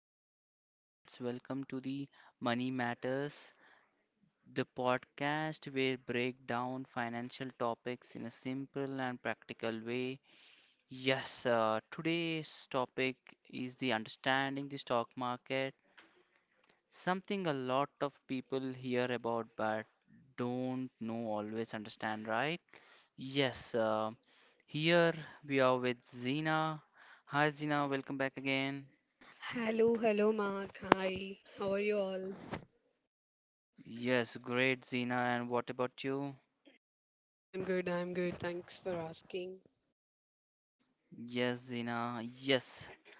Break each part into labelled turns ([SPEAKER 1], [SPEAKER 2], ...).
[SPEAKER 1] again. Let's welcome to the Money Matters, the podcast where break down financial topics in a simple and practical way. Yes, today's topic is the understanding the stock market, something a lot of people hear about but don't know always understand, right? Yes, here we are with Zina. Hi Zina, welcome back again.
[SPEAKER 2] Hello, hello, Mark. Hi, how are you all?
[SPEAKER 1] Yes, great, Zina. And what about you?
[SPEAKER 2] I'm good. Thanks for asking.
[SPEAKER 1] Yes, Zina. Yes.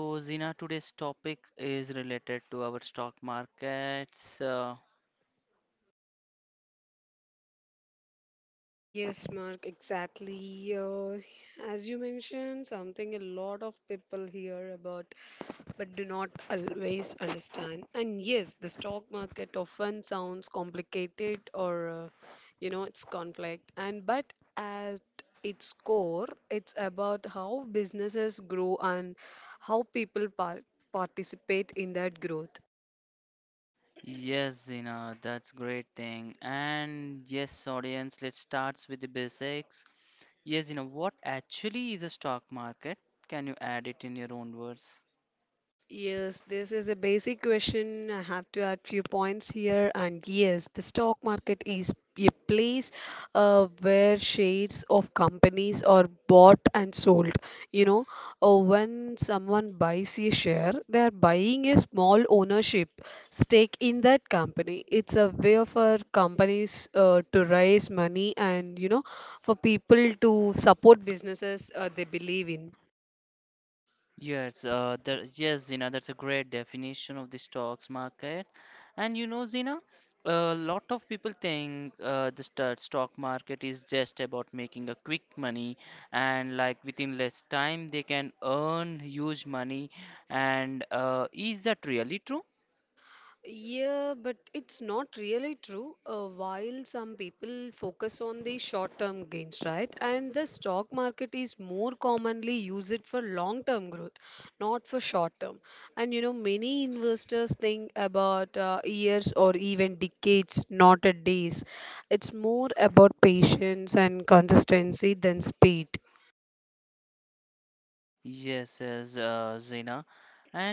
[SPEAKER 1] So, Zina, today's topic is related to our stock markets. Uh,
[SPEAKER 2] Yes, Mark, exactly. As you mentioned, something a lot of people hear about but do not always understand. And yes, the stock market often sounds complicated or it's complex. And but at its core, it's about how businesses grow and how people participate in that growth.
[SPEAKER 1] yes, Zina, that's great thing. And yes, audience, let's start with the basics. Yes, Zina, what actually is a stock market? Can you add it in your own words?
[SPEAKER 2] Yes, this is a basic question. I have to add few points here. And yes, the stock market is a place where shares of companies are bought and sold. You know, when someone buys a share, they are buying a small ownership stake in that company. It's a way for companies to raise money and, you know, for people to support businesses they believe in.
[SPEAKER 1] Yes, Zina, that's a great definition of the stocks market. And you know, Zina, a lot of people think the stock market is just about making a quick money, and like within less time they can earn huge money. And is that really true?
[SPEAKER 2] Yeah, but it's not really true. While some people focus on the short-term gains, right? And the stock market is more commonly used for long-term growth, not for short-term. And you know, many investors think about years or even decades, not a days. It's more about patience and consistency than speed.
[SPEAKER 1] Yes, Zina.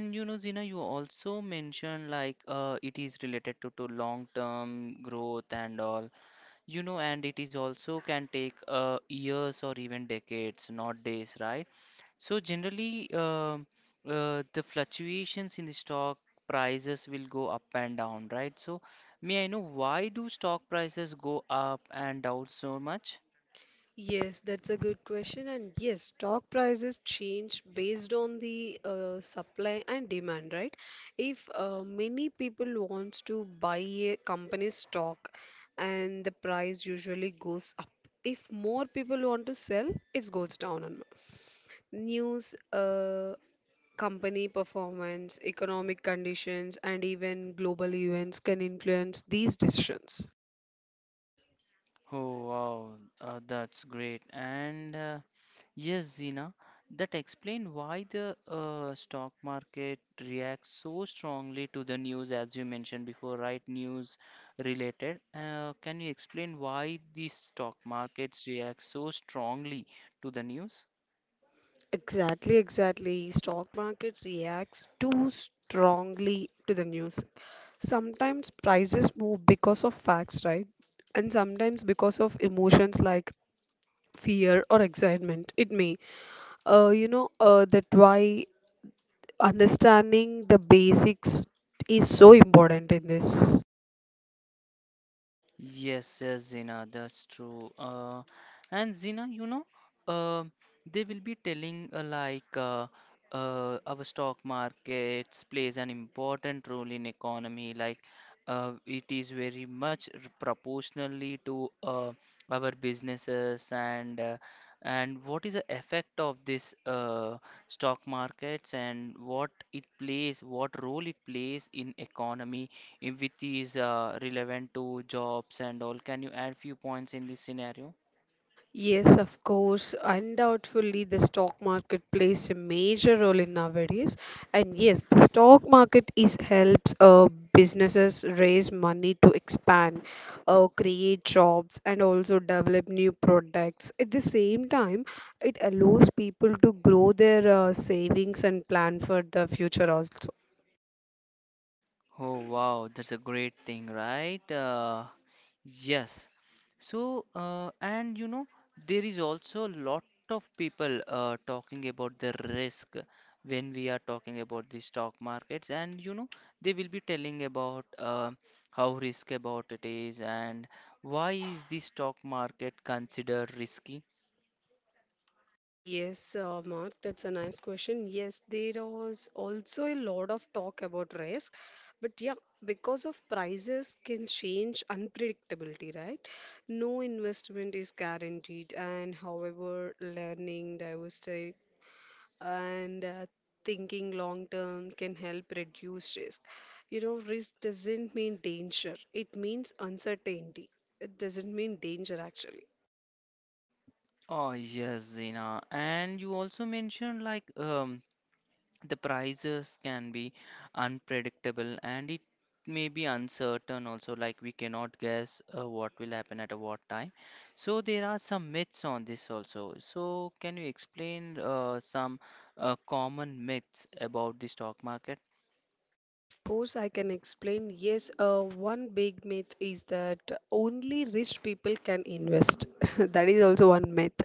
[SPEAKER 1] And you know, Zina, you also mentioned like it is related to long-term growth and all. You know, and it is also can take years or even decades, not days, right? So generally, the fluctuations in the stock prices will go up and down, right? So may I know why do stock prices go up and down so much?
[SPEAKER 2] Yes, that's a good question. And yes, stock prices change based on the supply and demand, right? If many people wants to buy a company's stock and the price usually goes up. If more people want to sell, it goes down. And News, company performance, economic conditions, and even global events can influence these decisions.
[SPEAKER 1] Oh, wow, that's great. And yes, Zina, that explain why the stock market reacts so strongly to the news, as you mentioned before, right? News related. Can you explain why the stock markets react so strongly to the news?
[SPEAKER 2] Exactly, exactly. Stock market reacts too strongly to the news. Sometimes prices move because of facts, right? And sometimes because of emotions like fear or excitement. It may, you know, that why understanding the basics is so important in this.
[SPEAKER 1] Yes, yes, Zina, that's true. And Zina, you know, uh, they will be telling our stock markets plays an important role in economy. Like it is very much proportionally to our businesses and and what is the effect of this stock markets and what it plays, what role it plays in economy if which is relevant to jobs and all. Can you add few points in this scenario?
[SPEAKER 2] Yes, of course. Undoubtedly, the stock market plays a major role in nowadays. And yes, the stock market is helps businesses raise money to expand, create jobs, and also develop new products. At the same time, it allows people to grow their savings and plan for the future also.
[SPEAKER 1] Oh wow, that's a great thing, right? Yes. So, and you know, there is also a lot of people talking about the risk when we are talking about the stock markets, and you know, they will be telling about how risk about it is and why is the stock market considered risky.
[SPEAKER 2] Yes, Mark, that's a nice question. Yes, there was also a lot of talk about risk, but yeah, because of prices can change unpredictability, right? No investment is guaranteed, and however, learning, diversity, and thinking long term can help reduce risk. You know, risk doesn't mean danger, it means uncertainty. It doesn't mean danger actually.
[SPEAKER 1] Oh yes, Zina. And you also mentioned like the prices can be unpredictable and it may be uncertain also, like we cannot guess what will happen at a what time. So there are some myths on this also. So can you explain some common myths about the stock market?
[SPEAKER 2] Of course, I can explain. Yes, one big myth is that only rich people can invest. That is also one myth.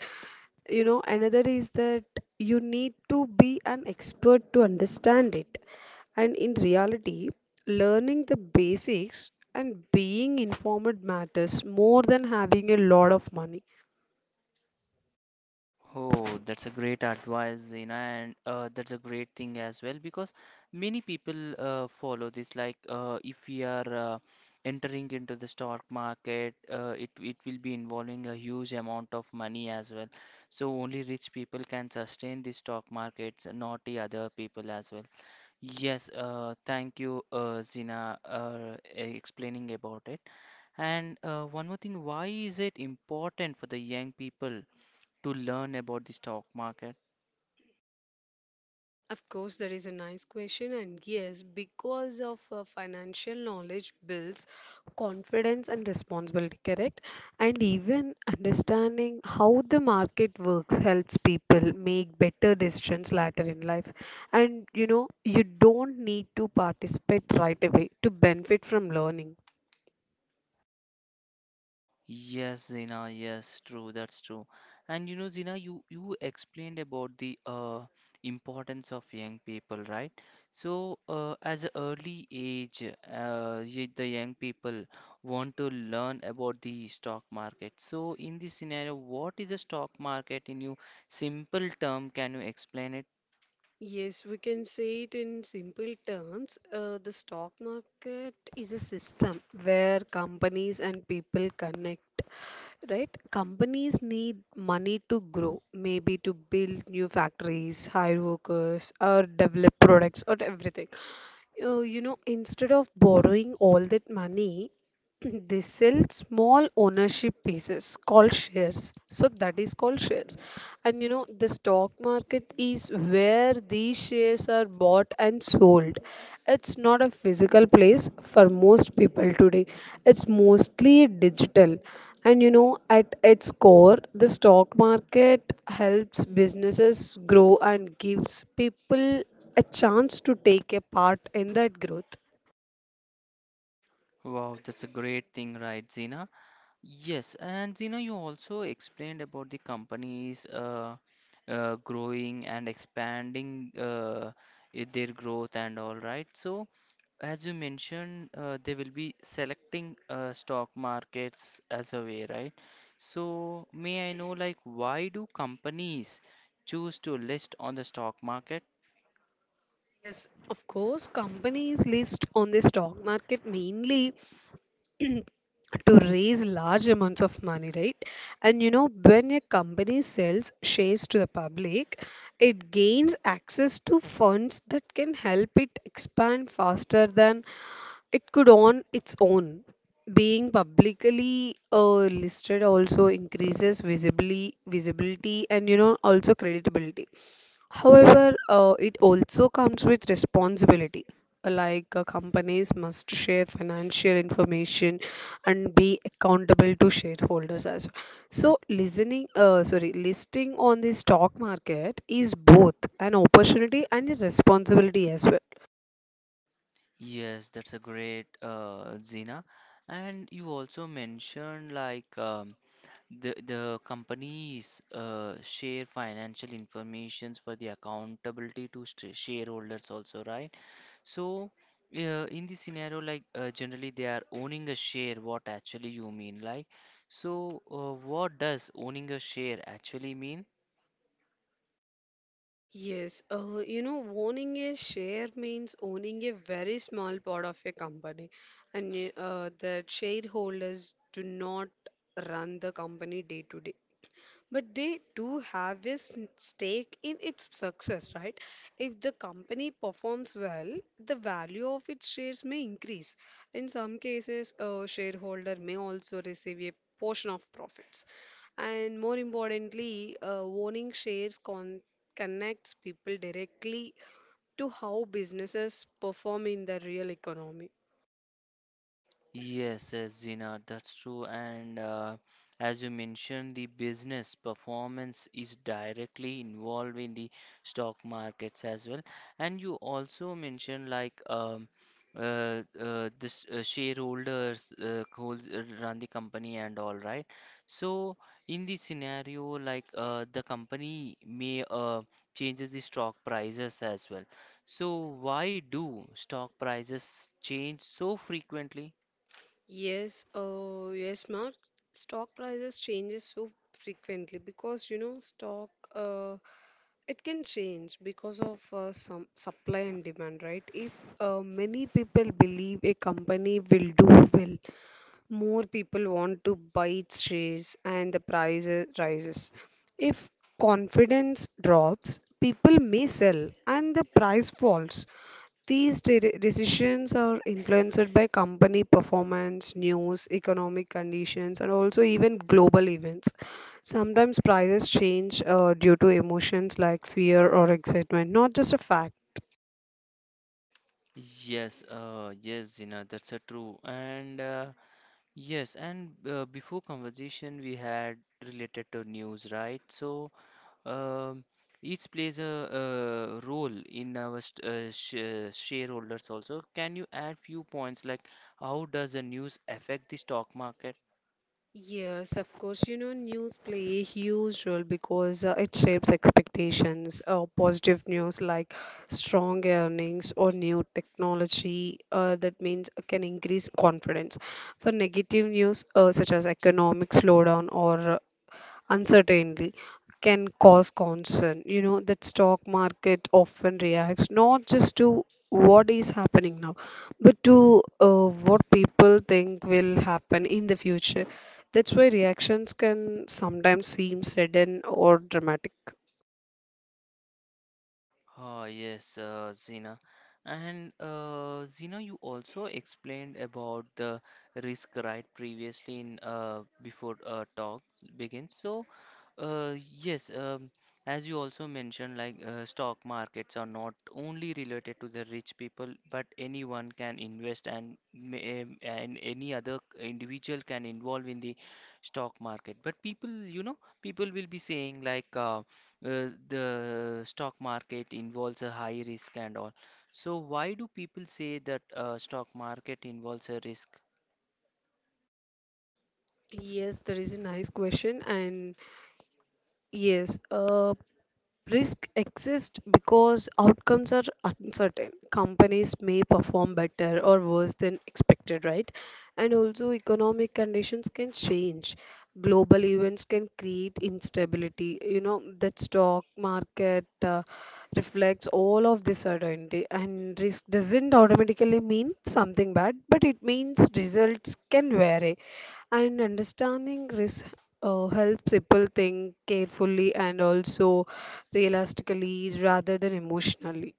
[SPEAKER 2] You know, another is that you need to be an expert to understand it. And in reality, learning the basics and being informed matters more than having a lot of money.
[SPEAKER 1] Oh, that's a great advice, Zina, and that's a great thing as well because many people follow this. Like, if we are entering into the stock market, it will be involving a huge amount of money as well. So only rich people can sustain the stock markets, not the other people as well. Yes, thank you, Zina, explaining about it. And one more thing, why is it important for the young people to learn about the stock market?
[SPEAKER 2] Of course, that is a nice question, and yes, because of financial knowledge builds confidence and responsibility, correct? And even understanding how the market works helps people make better decisions later in life. And you know, you don't need to participate right away to benefit from learning.
[SPEAKER 1] Yes, Zina, yes, true, that's true. And you know, Zina, you explained about the importance of young people, right? So, as a early age, the young people want to learn about the stock market. So, in this scenario, what is the stock market in you simple term? Can you explain it?
[SPEAKER 2] Yes, we can say it in simple terms. The stock market is a system where companies and people connect. Right? Companies need money to grow, maybe to build new factories, hire workers, or develop products or everything. You know, instead of borrowing all that money, they sell small ownership pieces called shares, so that is called shares. And you know, the stock market is where these shares are bought and sold. It's not a physical place for most people today, it's mostly digital. And you know, at its core, the stock market helps businesses grow and gives people a chance to take a part in that growth.
[SPEAKER 1] Wow, that's a great thing, right, Zina? Yes, and you know, you also explained about the companies growing and expanding their growth and all right. So, as you mentioned, they will be selecting stock markets as a way, right? So, may I know, Mhm, like, why do companies choose to list on the stock market?
[SPEAKER 2] Yes, of course, companies list on the stock market mainly to raise large amounts of money, right? And you know, when a company sells shares to the public, it gains access to funds that can help it expand faster than it could on its own. Being publicly listed also increases visibly visibility and you know also creditability. However, it also comes with responsibility. Like companies must share financial information and be accountable to shareholders as well. So, listing on the stock market is both an opportunity and a responsibility as well.
[SPEAKER 1] Yes, that's a great Zina. And you also mentioned like the companies share financial informations for the accountability to shareholders also, right? So in this scenario, like generally they are owning a share. What actually you mean, like? So what does owning a share actually mean?
[SPEAKER 2] Yes, you know, owning a share means owning a very small part of a company, and the shareholders do not run the company day to day. But they do have a stake in its success, right? If the company performs well, the value of its shares may increase. In some cases, a shareholder may also receive a portion of profits. And more importantly, owning shares connects people directly to how businesses perform in the real economy.
[SPEAKER 1] Yes, yes, Zina, that's true. And as you mentioned, the business performance is directly involved in the stock markets as well. And you also mentioned like this shareholders holds run the company and all, right? So in the scenario, like the company may changes the stock prices as well. So why do stock prices change so frequently?
[SPEAKER 2] Yes, yes, Mark. Stock prices changes so frequently because you know stock uh, it can change because of some supply and demand, right? If many people believe a company will do well, more people want to buy its shares and the price rises. If confidence drops, people may sell and the price falls. These decisions are influenced by company performance, news, economic conditions, and also even global events. Sometimes prices change due to emotions like fear or excitement, not just a fact.
[SPEAKER 1] Yes, yes, Zina, that's a true. And yes, and before conversation we had related to news, right? So um, each plays a, role in our st sh shareholders also. Can you add few points like how does the news affect the stock market?
[SPEAKER 2] Yes, of course. You know, news play a huge role because it shapes expectations. Positive news like strong earnings or new technology that means can increase confidence. For negative news, such as economic slowdown or uncertainty can cause concern. You know, that stock market often reacts not just to what is happening now, but to what people think will happen in the future. That's why reactions can sometimes seem sudden or dramatic.
[SPEAKER 1] Ah yes, Zina. And Zina, you also explained about the risk right previously in before talk begins. So, yes, as you also mentioned, like stock markets are not only related to the rich people, but anyone can invest and may, and any other individual can involve in the stock market. But people, you know, people will be saying like. The stock market involves a high risk and all. So why do people say that stock market involves a risk?
[SPEAKER 2] Yes, that is a nice question, and yes, risk exists because outcomes are uncertain. Companies may perform better or worse than expected, right? And also, economic conditions can change. Global events can create instability. You know, that stock market reflects all of this certainty, and risk doesn't automatically mean something bad, but it means results can vary. And understanding risk helps people think carefully and also realistically rather than emotionally.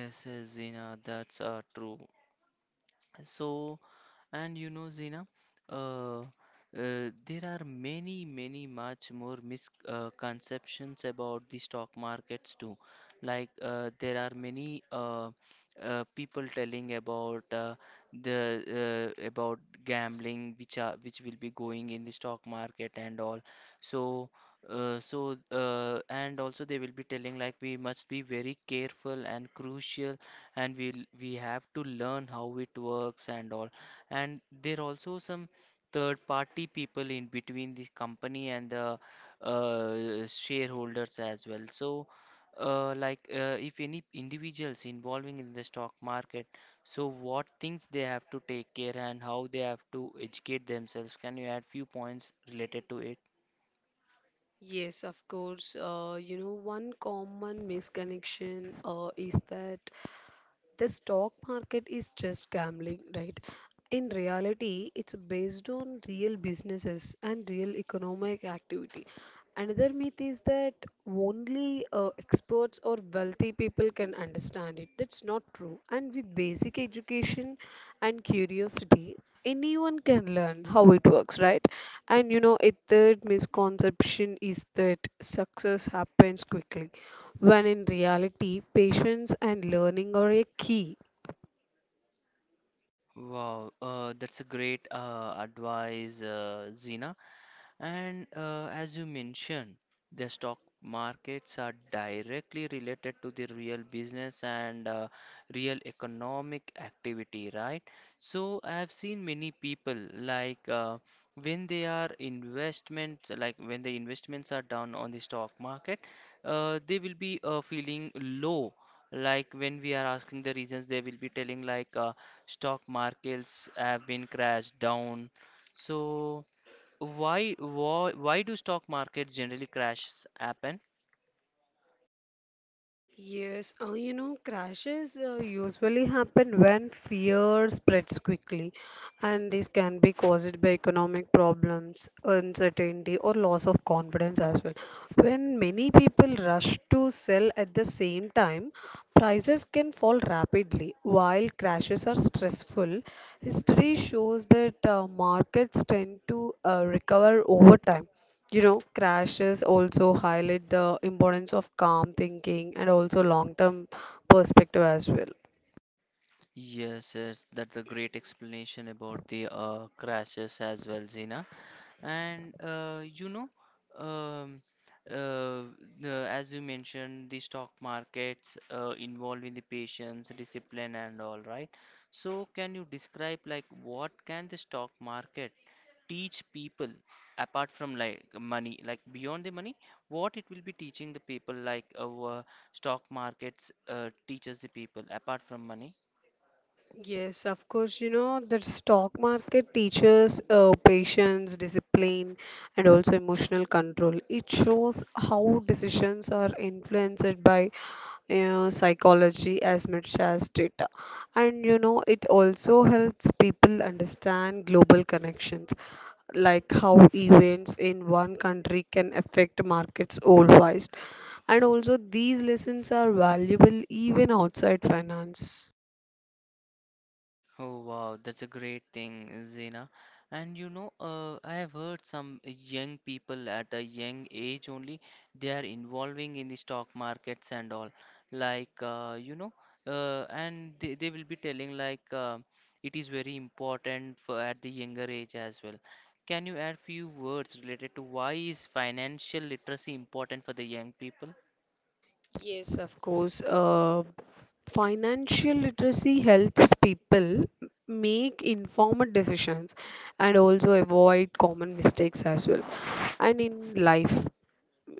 [SPEAKER 1] Yes, Zina, that's true. So and you know, Zina, uh, uh, there are many, many much more misconceptions about the stock markets too. Like there are many people telling about the about gambling, which are which will be going in the stock market and all. So. So and also they will be telling like we must be very careful and crucial and we have to learn how it works and all, and there are also some third party people in between the company and the shareholders as well. So like if any individuals involving in the stock market, so what things they have to take care and how they have to educate themselves? Can you add few points related to it?
[SPEAKER 2] Yes, of course. You know, one common misconnection is that the stock market is just gambling, right? In reality, it's based on real businesses and real economic activity. Another myth is that only experts or wealthy people can understand it. That's not true. And with basic education and curiosity, anyone can learn how it works, right? And you know, a third misconception is that success happens quickly, when in reality, patience and learning are a key.
[SPEAKER 1] Wow, that's a great advice, Zina. And as you mentioned, the stock markets are directly related to the real business and real economic activity, right? So I've seen many people like when they are investments, like when the investments are done on the stock market, they will be feeling low. Like when we are asking the reasons, they will be telling like stock markets have been crashed down. So why do stock markets generally crashes happen?
[SPEAKER 2] Yes, you know, crashes usually happen when fear spreads quickly, and this can be caused by economic problems, uncertainty, or loss of confidence as well. When many people rush to sell at the same time, prices can fall rapidly. While crashes are stressful, history shows that markets tend to recover over time. You know, crashes also highlight the importance of calm thinking and also long-term perspective as well.
[SPEAKER 1] Yes, yes, that's a great explanation about the crashes as well, Zina. And you know, um, uh, the, as you mentioned, the stock markets involve in the patience, discipline, and all, right? So, can you describe like what can the stock market teach people apart from like money, like beyond the money, what it will be teaching the people like stock markets teaches the people apart from money?
[SPEAKER 2] Yes, of course, you know, the stock market teaches patience, discipline, and also emotional control. It shows how decisions are influenced by psychology as much as data. And you know, it also helps people understand global connections, like how events in one country can affect markets worldwide. And also, these lessons are valuable even outside finance.
[SPEAKER 1] Oh wow, that's a great thing, Zena. And you know, I have heard some young people at a young age only, they are involving in the stock markets and all. Like, you know, and they will be telling like it is very important for at the younger age as well. Can you add few words related to why is financial literacy important for the young people?
[SPEAKER 2] Yes, of course. Financial literacy helps people make informed decisions and also avoid common mistakes as well. And in life,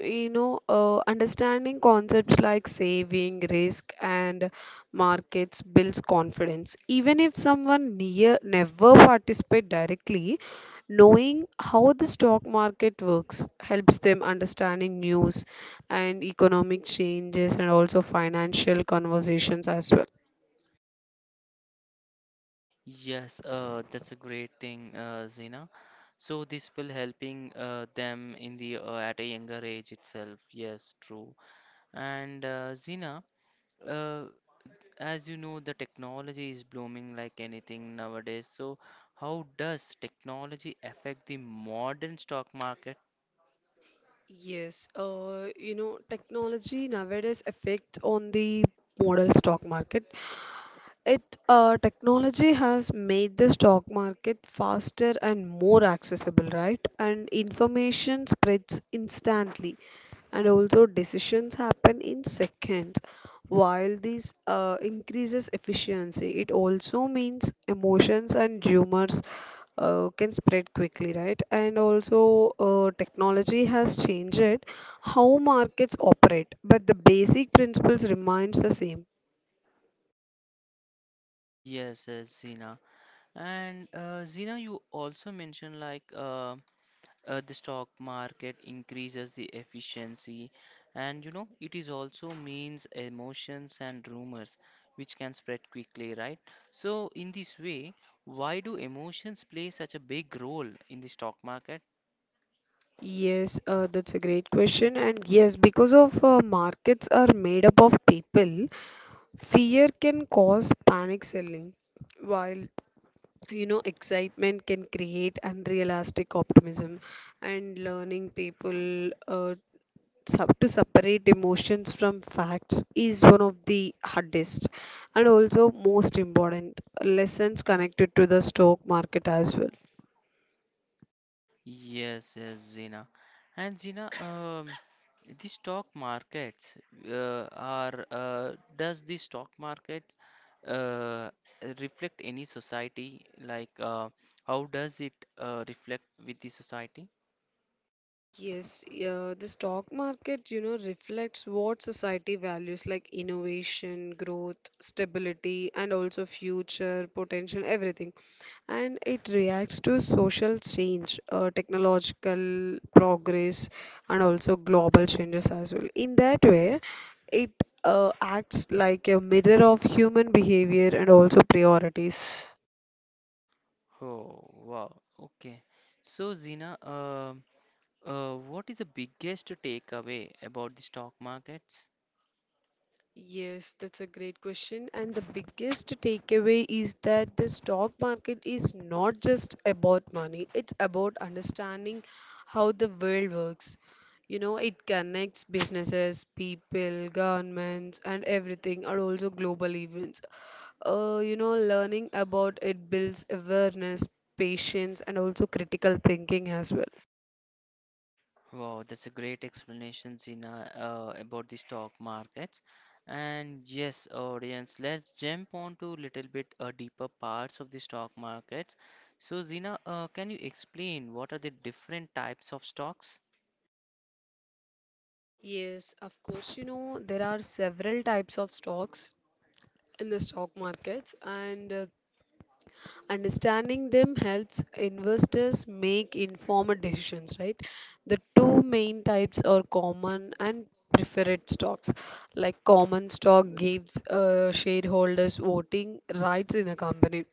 [SPEAKER 2] you know, understanding concepts like saving, risk, and markets builds confidence. Even if someone near never participate directly, knowing how the stock market works helps them understanding news and economic changes and also financial conversations as well.
[SPEAKER 1] Yes, that's a great thing, Zina. So this will helping them in the at a younger age itself. Yes, true. And Zina, uh, as you know, the technology is blooming like anything nowadays. So how does technology affect the modern stock market?
[SPEAKER 2] Yes, you know, technology nowadays affects on the model stock market. It Technology has made the stock market faster and more accessible, right? And information spreads instantly, and also decisions happen in seconds. While this increases efficiency, it also means emotions and humors can spread quickly, right? And also, technology has changed how markets operate, but the basic principles remains the same.
[SPEAKER 1] Yes, yes, Zina. And Zina, you also mentioned like the stock market increases the efficiency, and you know it is also means emotions and rumors which can spread quickly, right? So in this way, why do emotions play such a big role in the stock market?
[SPEAKER 2] Yes, that's a great question. And yes, because of markets are made up of people, fear can cause panic selling, while you know excitement can create unrealistic optimism. And learning people sub to separate emotions from facts is one of the hardest and also most important lessons connected to the stock market as well.
[SPEAKER 1] Yes, yes, Zina. And Zina, the stock markets does the stock market uh, reflect any society? Like, how does it reflect with the society?
[SPEAKER 2] Yes, yeah, the stock market, you know, reflects what society values like innovation, growth, stability, and also future potential, everything. And it reacts to social change, technological progress, and also global changes as well. In that way, it acts like a mirror of human behavior and also priorities.
[SPEAKER 1] Oh, wow. Okay. So, Zina, what is the biggest takeaway about the stock markets?
[SPEAKER 2] Yes, that's a great question. And the biggest takeaway is that the stock market is not just about money, it's about understanding how the world works. You know, it connects businesses, people, governments, and everything, and also global events. Learning about it builds awareness, patience, and also critical thinking as well.
[SPEAKER 1] Wow, that's a great explanation, Zina, about the stock markets. And yes, audience, let's jump on to little bit deeper parts of the stock markets. So, Zina, can you explain what are the different types of stocks?
[SPEAKER 2] Yes, of course, you know, there are several types of stocks in the stock markets, and understanding them helps investors make informed decisions, right? The two main types are common and preferred stocks. Like common stock gives shareholders voting rights in a company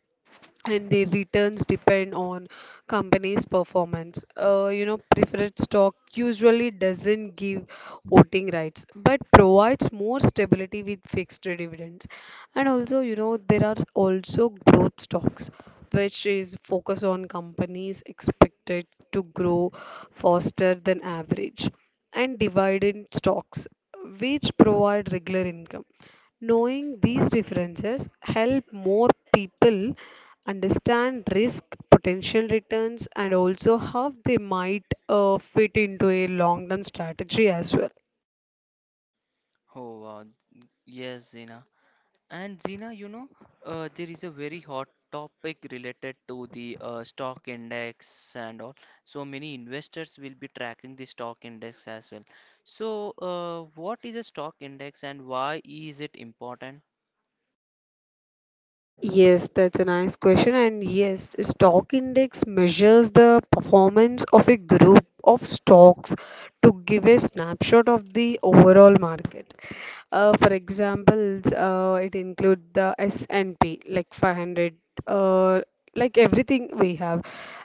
[SPEAKER 2] and the returns depend on company's performance. Preferred stock usually doesn't give voting rights, but provides more stability with fixed dividends. And also, you know, there are also growth stocks, which is focus on companies expected to grow faster than average, and dividend stocks, which provide regular income. Knowing these differences help more people understand risk, potential returns, and also how they might fit into a long-term strategy as well.
[SPEAKER 1] Oh, wow. Yes, Zina. And Zina, you know, there is a very hot topic related to the stock index and all. So many investors will be tracking the stock index as well. So, what is a stock index and why is it important?
[SPEAKER 2] Yes, that's a nice question. And yes, stock index measures the performance of a group of stocks to give a snapshot of the overall market. For examples, it include the S&P, like 500, uh, like everything we have.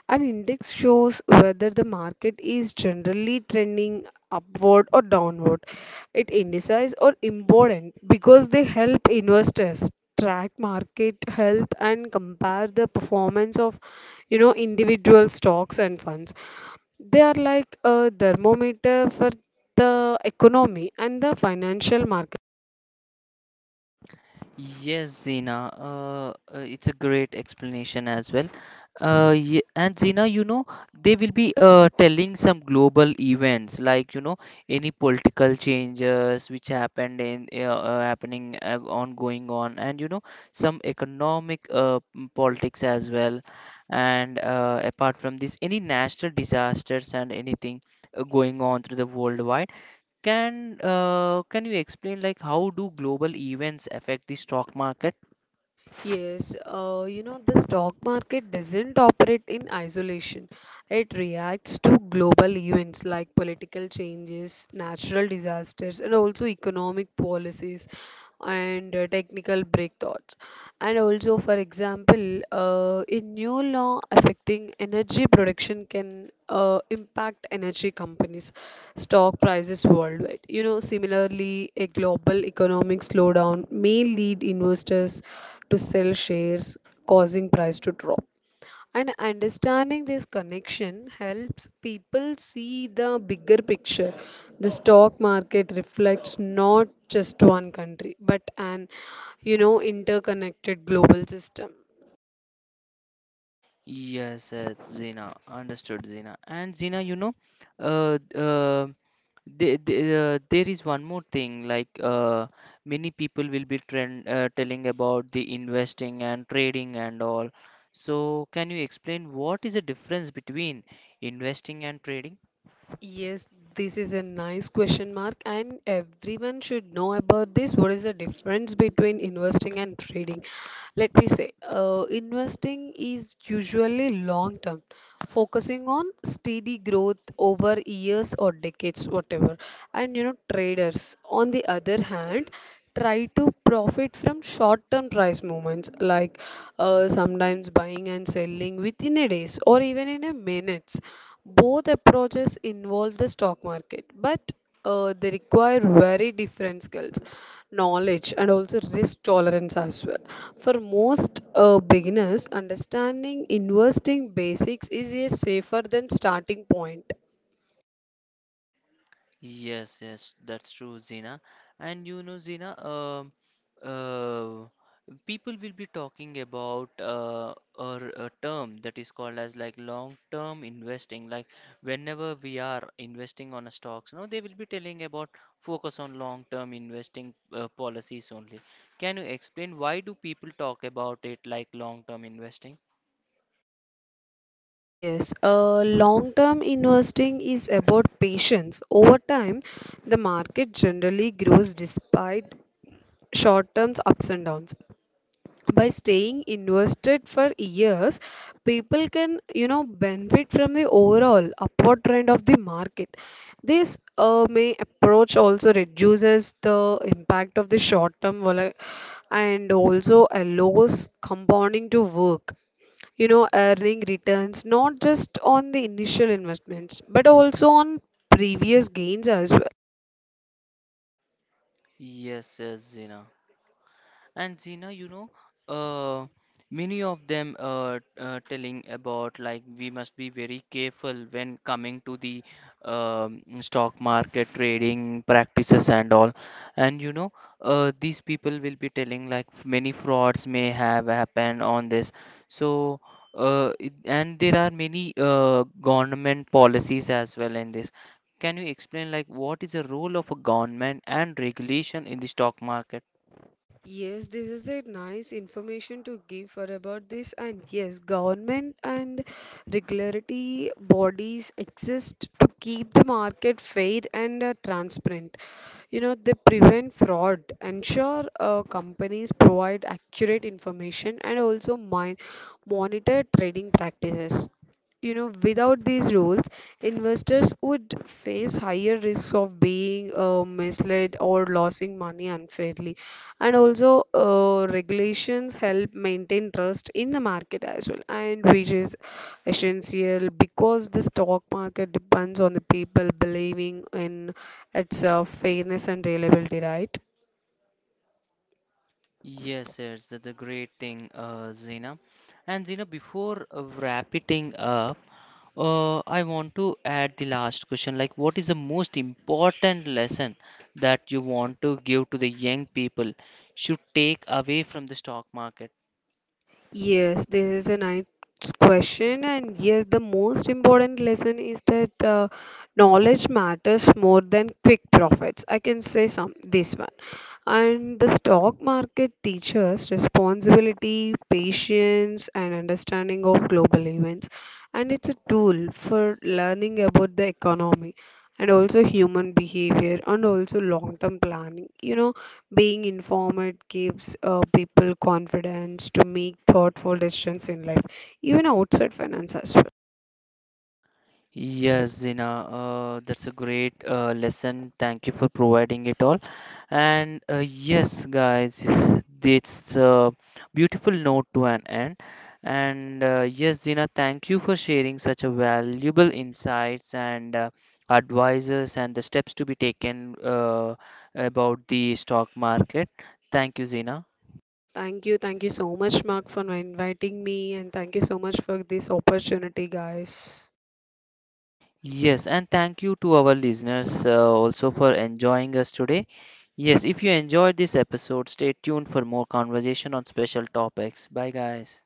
[SPEAKER 2] An index shows whether the market is generally trending upward or downward. It indices are important because they help investors track market health and compare the performance of, you know, individual stocks and funds. They are like a thermometer for the economy and the financial market.
[SPEAKER 1] Yes, Zina, it's a great explanation as well. Ye and Zina, you know, they will be telling some global events like, you know, any political changes which happened in happening on going on, and you know, some economic politics as well. And apart from this, any natural disasters and anything going on through the worldwide. Can you explain like how do global events affect the stock market?
[SPEAKER 2] Yes, you know, the stock market doesn't operate in isolation. It reacts to global events like political changes, natural disasters, and also economic policies and technical breakthroughs. And also, for example, a new law affecting energy production can impact energy companies' stock prices worldwide. You know, similarly, a global economic slowdown may lead investors to sell shares, causing price to drop. And understanding this connection helps people see the bigger picture. The stock market reflects not just one country, but an you know, interconnected global system.
[SPEAKER 1] Yes, it's Zina. Understood, Zina. And Zina, you know, uh, uh, there is one more thing. Like many people will be telling about the investing and trading and all. So, can you explain what is the difference between investing and trading?
[SPEAKER 2] Yes, this is a nice question mark, and everyone should know about this. What is the difference between investing and trading? Let me say, investing is usually long term, focusing on steady growth over years or decades, whatever. And you know, traders, on the other hand, try to profit from short-term price movements like sometimes buying and selling within a days or even in a minutes. Both approaches involve the stock market, but they require very different skills, knowledge, and also risk tolerance as well. For most beginners, understanding investing basics is a safer than starting point.
[SPEAKER 1] Yes, yes, that's true, Zina. And you know, Zina, uh, people will be talking about or a term that is called as like long term investing. Like whenever we are investing on a stocks, you know they will be telling about focus on long term investing policies only. Can you explain why do people talk about it like long term investing?
[SPEAKER 2] Yes, long-term investing is about patience. Over time, the market generally grows despite short-term ups and downs. By staying invested for years, people can, you know, benefit from the overall upward trend of the market. This may approach also reduces the impact of the short-term vola- and also allows compounding to work, you know, earning returns not just on the initial investments but also on previous gains as well.
[SPEAKER 1] Yes, yes, Zina. And Zina, you know, uh, many of them telling about like we must be very careful when coming to the stock market trading practices and all. And you know, these people will be telling like many frauds may have happened on this. So, and there are many government policies as well in this. Can you explain like what is the role of a government and regulation in the stock market?
[SPEAKER 2] Yes, this is a nice information to give for about this, and yes, government and regulatory bodies exist to keep the market fair and transparent. You know, they prevent fraud, ensure companies provide accurate information, and also monitor trading practices. You know, without these rules, investors would face higher risks of being misled or losing money unfairly. And also regulations help maintain trust in the market as well, and which is essential because the stock market depends on the people believing in it's fairness and reliability, right?
[SPEAKER 1] Yes, yes, that's a great thing, Zina. And Zina, before wrapping up, I want to add the last question. Like, what is the most important lesson that you want to give to the young people should take away from the stock market?
[SPEAKER 2] Yes, this is a nice question, and yes, the most important lesson is that knowledge matters more than quick profits. I can say some this one. And the stock market teaches responsibility, patience, and understanding of global events. And it's a tool for learning about the economy and also human behavior and also long term planning. You know, being informed gives people confidence to make thoughtful decisions in life, even outside finance as well.
[SPEAKER 1] Yes, Zina, that's a great lesson. Thank you for providing it all. And yes, guys, it's a beautiful note to an end. And yes, Zina, thank you for sharing such a valuable insights and advices and the steps to be taken about the stock market. Thank you, Zina.
[SPEAKER 2] Thank you. Thank you so much, Mark, for inviting me. And thank you so much for this opportunity, guys.
[SPEAKER 1] Yes, and thank you to our listeners also for enjoying us today. Yes, if you enjoyed this episode, stay tuned for more conversation on special topics. Bye, guys.